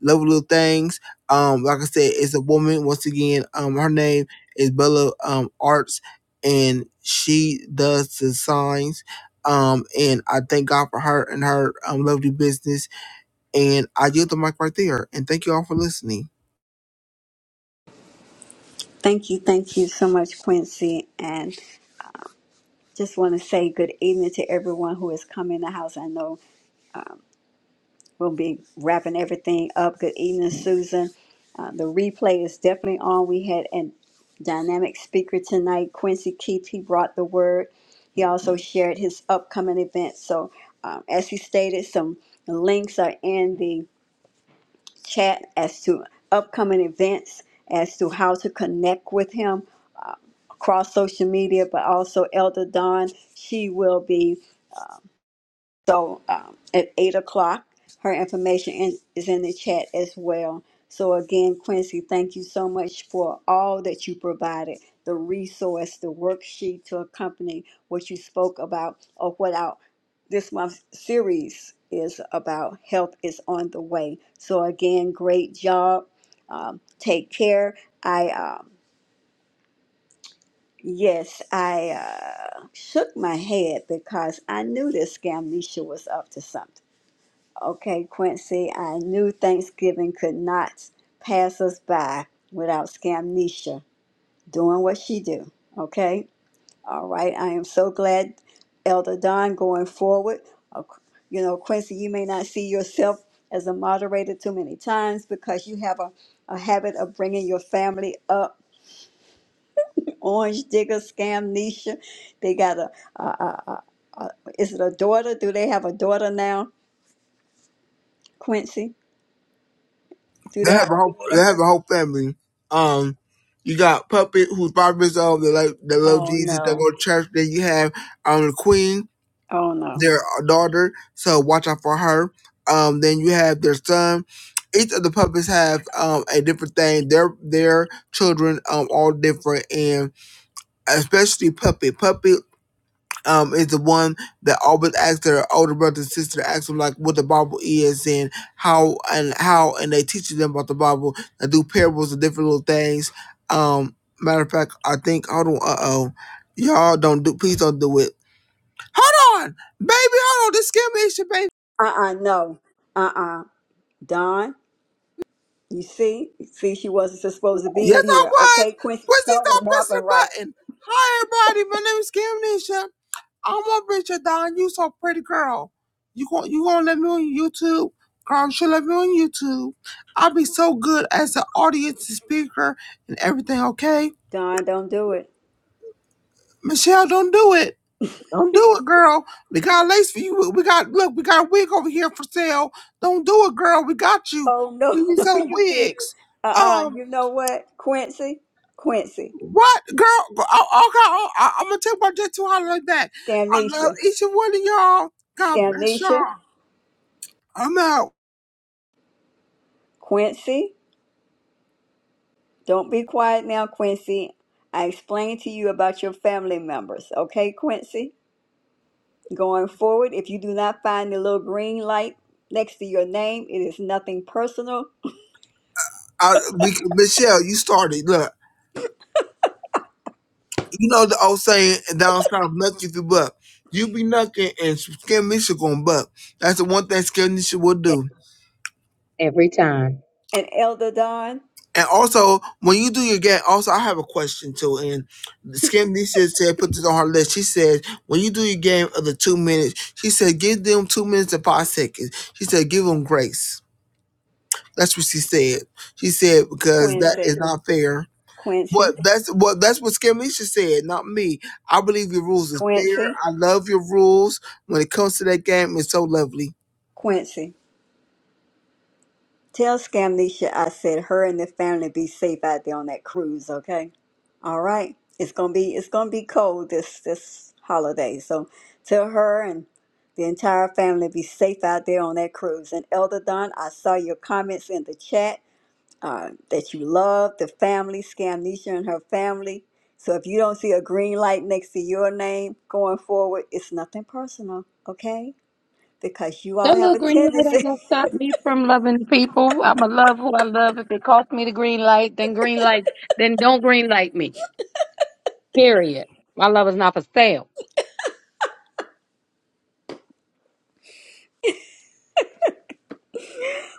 Speaker 2: lovely little things. Um, like I said, it's a woman once again. Um her name is Bella um Arts and she does the signs. Um and I thank God for her and her um lovely business and I yield the mic right there. And thank you all for listening.
Speaker 1: thank you, thank you so much, Quincy, and just want to say good evening to everyone who has come in the house. I know we'll be wrapping everything up. Good evening, Susan. Uh, the replay is definitely on. We had a dynamic speaker tonight, Quincy Keith. He brought the word. He also shared his upcoming events. So, um, as he stated, some links are in the chat as to upcoming events, as to how to connect with him cross social media, but also Elder Dawn. She will be so um, at eight o'clock. Her information in, is in the chat as well. So again, Quincy, thank you so much for all that you provided, the resource, the worksheet to accompany what you spoke about or what our this month's series is about. Help is on the way. So again, great job. Um, take care. I um, Yes, I uh, shook my head because I knew this Scamnesha was up to something. Okay, Quincy, I knew Thanksgiving could not pass us by without Scamnesha doing what she do. Okay, all right. I am so glad, Elder Don, going forward. uh, You know, Quincy, you may not see yourself as a moderator too many times because you have a, a habit of bringing your family up Orange Digger, Scamnesia. They got a, a, a, a, a, is it a daughter? Do they have a daughter now, Quincy? Do
Speaker 2: They
Speaker 1: they
Speaker 2: have
Speaker 1: have
Speaker 2: a
Speaker 1: a
Speaker 2: whole they
Speaker 1: daughter?
Speaker 2: have a whole family. Um you got Puppet who's five years old, they love they love
Speaker 1: Oh
Speaker 2: Jesus, they
Speaker 1: no.
Speaker 2: go to church. Then you have um the Queen,
Speaker 1: Oh no.
Speaker 2: their daughter, so watch out for her. Um then you have their son. Each of the puppets have um a different thing. Their their children um all different and especially Puppet. Puppet um, is the one that always asks their older brother and sister ask them like what the Bible is and how and how and they teach them about the Bible and do parables and different little things. Um, matter of fact, I think hold on, uh oh, y'all don't do please don't do it. Hold on, baby, hold on, this scared me, it's your baby.
Speaker 1: Uh-uh, no. Uh-uh. Don, you see? See, she wasn't supposed to be
Speaker 2: Yes,
Speaker 1: in
Speaker 2: I
Speaker 1: here.
Speaker 2: was.
Speaker 1: Okay, Quincy,
Speaker 2: Quincy, stop
Speaker 1: something
Speaker 2: pressing
Speaker 1: happened
Speaker 2: the
Speaker 1: right.
Speaker 2: button. Hi, everybody. My name is Cam Nisha. I want Rachel Don. You so pretty, girl. You gon' you gonna let me on YouTube, girl? You should let me on YouTube. I'll be so good as an audience speaker and everything. Okay,
Speaker 1: Don, don't do it.
Speaker 2: Michelle, don't do it. Don't do it, girl. We got lace for you. We got look. We got a wig over here for sale. Don't do it, girl. We got you.
Speaker 1: Oh no,
Speaker 2: We be
Speaker 1: no,
Speaker 2: selling
Speaker 1: you did.
Speaker 2: wigs.
Speaker 1: Uh-uh.
Speaker 2: Um,
Speaker 1: You know what? Quincy? Quincy.
Speaker 2: what, girl? Oh, okay, oh, I, I'm gonna take my jet to holler like that. I love
Speaker 1: Scamnesia.
Speaker 2: each and one of y'all. God bless
Speaker 1: Scamnesia.
Speaker 2: y'all. I'm out.
Speaker 1: Quincy. Don't be quiet now, Quincy. I explained to you about your family members, okay, Quincy? Going forward, if you do not find the little green light next to your name, it is nothing personal.
Speaker 2: I, we, Michelle, you started. Look, you know the old saying down south, "Nuck if you buck." You be nucking, and Skim Nisha gonna buck. That's the one thing Skim Nisha will
Speaker 3: E-
Speaker 2: do.
Speaker 3: Every time.
Speaker 1: And Elder Don,
Speaker 2: And also, when you do your game, also I have a question too. And Skim Nisha said, put this on her list. She said, when you do your game of the two minutes, she said, give them two minutes and five seconds. She said, give them grace. That's what she said. She said because that is
Speaker 1: Quincy,
Speaker 2: not fair What
Speaker 1: Quincy,
Speaker 2: that's what that's what Scamisha said, not me. I believe your rules are fair.
Speaker 1: Quincy,
Speaker 2: I love your rules. When it comes to that game, it's so lovely.
Speaker 1: Quincy. Tell Scamnesia I said her and the family be safe out there on that cruise, okay? All right. It's gonna be it's gonna be cold this this holiday. So tell her and the entire family be safe out there on that cruise. And Elder Don, I saw your comments in the chat uh, that you love the family, Scamnesia and her family. So if you don't see a green light next to your name going forward, it's nothing personal, okay? Because you all
Speaker 3: That
Speaker 1: have
Speaker 3: little
Speaker 1: a
Speaker 3: green light ain't
Speaker 1: tendency.
Speaker 3: gonna stop me from loving people. I'ma love who I love. If it costs me the green light, then green light, then don't green light me. Period. My love is not for sale.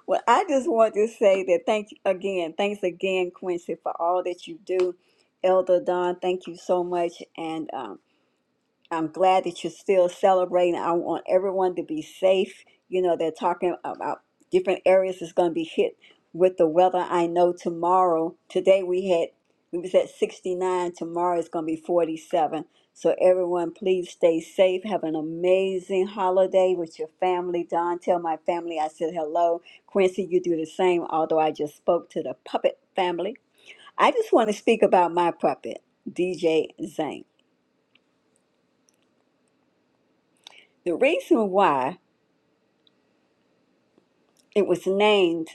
Speaker 1: Well, I just want to say that thank you again, thanks again, Quincy, for all that you do. Elder Don, thank you so much. And um, I'm glad that you're still celebrating. I want everyone to be safe. You know, they're talking about different areas that's going to be hit with the weather. I know tomorrow, today we had, we was at 69. Tomorrow is going to be 47. So everyone, please stay safe. Have an amazing holiday with your family. Don, tell my family I said hello. Quincy, you do the same, although I just spoke to the puppet family. I just want to speak about my puppet, DJ Zane. The reason why it was named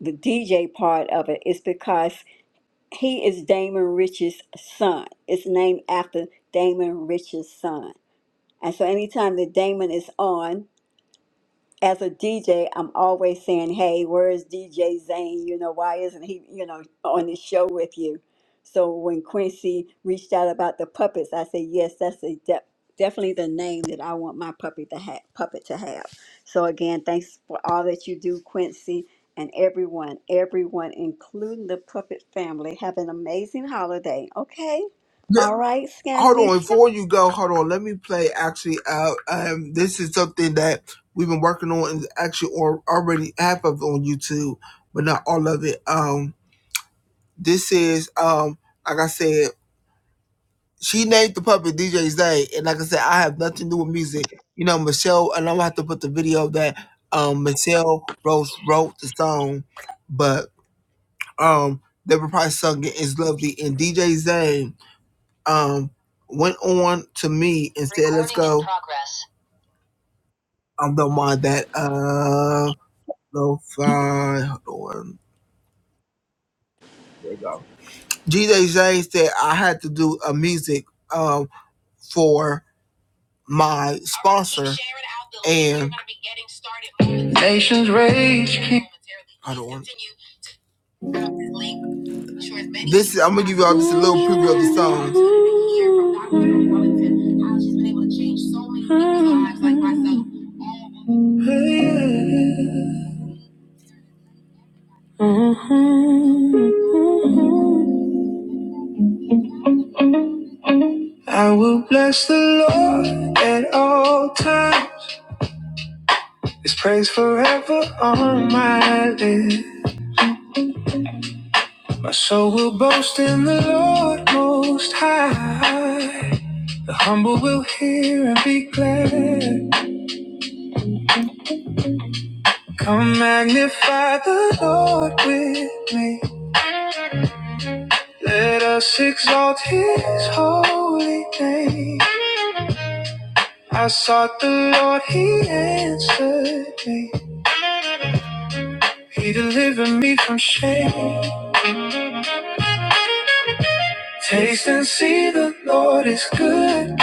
Speaker 1: the DJ part of it is because he is Damon Rich's son. It's named after Damon Rich's son. And so anytime that Damon is on, as a DJ, I'm always saying, "Hey, where is DJ Zane? You know, why isn't he, you know, on the show with you?" So when Quincy reached out about the puppets, I said, "Yes, that's a de- definitely the name that I want my puppy to have, puppet to have." So again, thanks for all that you do, Quincy, and everyone, everyone, including the puppet family. Have an amazing holiday. Okay.
Speaker 2: Yeah,
Speaker 1: All right,
Speaker 2: hold on,
Speaker 1: Scamnesha.
Speaker 2: before you go, hold on. Let me play. Actually, uh, um, this is something that we've been working on, and actually, or already half of it on YouTube, but not all of it. Um, this is um, like I said. she named the puppet DJ Zay, and like I said, I have nothing to do with music. You know, Michelle, and I'm gonna have to put the video that um Michelle Rose wrote the song, but um Deborah Price sung it. It's lovely, and DJ Zay um went on to me and I'm the one that uh no fine. Hold on, there you go. DJ Zay said I had to do a music um for. my sponsor and Nations Rage I don't want it. Just a little preview of the songs. How she's been able to change so many people's lives, like myself. I will bless the Lord at all times. His praise forever on my lips. So soul will boast in the Lord Most High. The humble will hear and be glad. Come magnify the Lord with me. Let us exalt his holy name. I sought the Lord, he answered me. He delivered me from shame. Taste and see the Lord is good.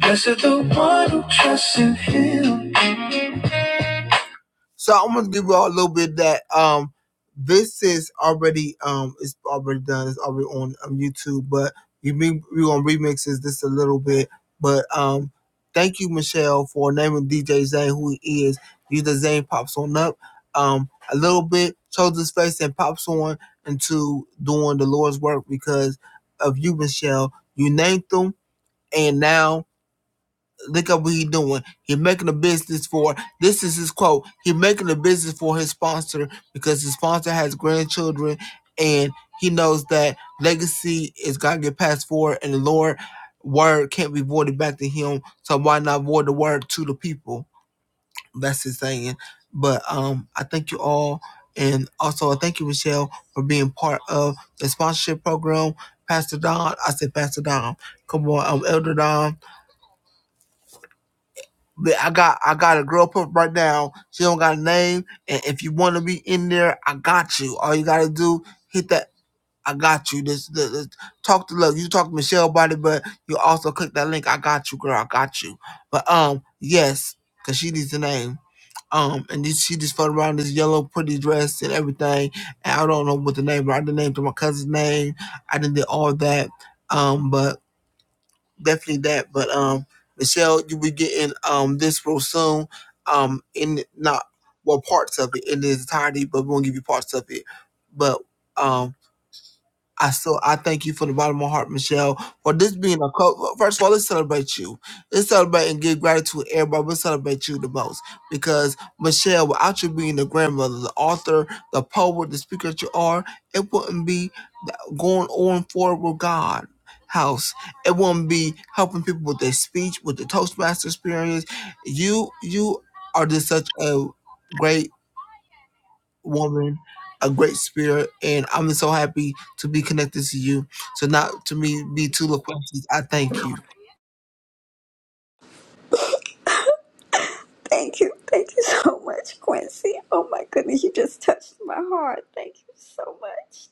Speaker 2: Blessed the one who trusts in him. So I'm gonna give you all a little bit that um this is already um it's already done, it's already on um, YouTube, but you mean we gonna remix this just a little bit. But um thank you Michelle for naming DJ Zane who he is. You the Zane pops on up um a little bit, shows his face and pops on into doing the Lord's work because of you, Michelle. You named them and now Look at what he's doing. He's making a business for this is his quote. He's making a business for his sponsor because his sponsor has grandchildren and he knows that legacy is gotta get passed forward and the Lord word can't be voided back to him. So why not void the word to the people? That's his saying. But um I thank you all and also I thank you, Michelle, for being part of the sponsorship program. Pastor Don, I said Pastor Don. Come on, um, Elder Don. Li- I got I got a girl put right now. She don't got a name, and if you want to be in there, I got you. All you gotta do hit that. I got you. This, this, this- talk to look. You talk to Michelle about it, but you also click that link. I got you, girl. I got you. But um, yes, cause she needs a name. Um, and this, she just floated around this yellow pretty dress and everything. And I don't know what the name. But I did name to my cousin's name. I did all that. Um, but definitely that. But um, Michelle, you'll be getting um this real soon. Um, in not well parts of it in its entirety, but we won't give you parts of it. But um. I so I thank you from the bottom of my heart, Michelle, for this being a co- first of all, let's celebrate you. Let's celebrate and give gratitude to everybody. We'll celebrate you the most. Because Michelle, without you being the grandmother, the author, the poet, the speaker that you are, it wouldn't be going on forward with God house. It wouldn't be helping people with their speech, with the Toastmaster experience. You you are just such a great woman, a great spirit, and I'm so happy to be connected to you. So not to me be too loquacious. I thank you.
Speaker 1: Thank you. Thank you so much, Quincy. Oh my goodness, you just touched my heart. Thank you so much.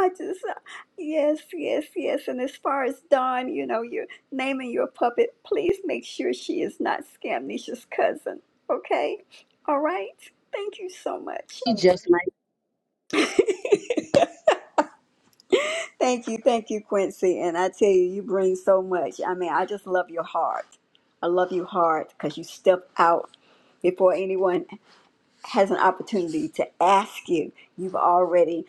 Speaker 1: I just, uh, yes, yes, yes. And as far as Dawn, you know, you're naming your puppet, please make sure she is not Scamnicia's cousin. Okay? All right. Thank you so much.
Speaker 3: He just like
Speaker 1: Thank you. Thank you, Quincy. And I tell you, you bring so much. I mean, I just love your heart. I love your heart because you step out before anyone has an opportunity to ask you, you've already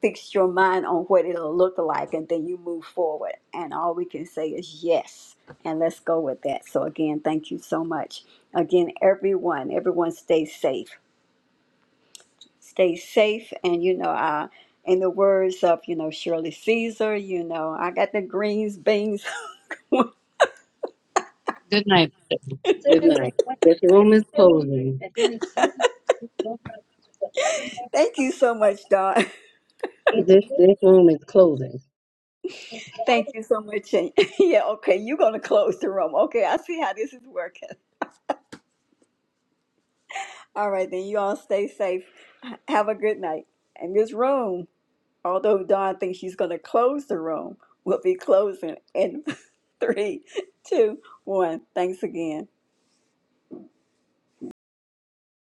Speaker 1: fixed your mind on what it'll look like, and then you move forward. And all we can say is yes, and let's go with that. So, again, thank you so much. Again, everyone, everyone stay safe. Stay safe, and you know, uh, in the words of, you know, Shirley Caesar, you know, I got the greens, beans.
Speaker 3: Good night. good night. This room is closing.
Speaker 1: thank you so much, Don.
Speaker 3: This this room is closing.
Speaker 1: Thank you so much. And yeah, okay, you're going to close the room. Okay, I see how this is working. All right, then you all stay safe. H- Have a good night. And this room, although Dawn thinks she's going to close the room, will be closing in three, two, one. Thanks again.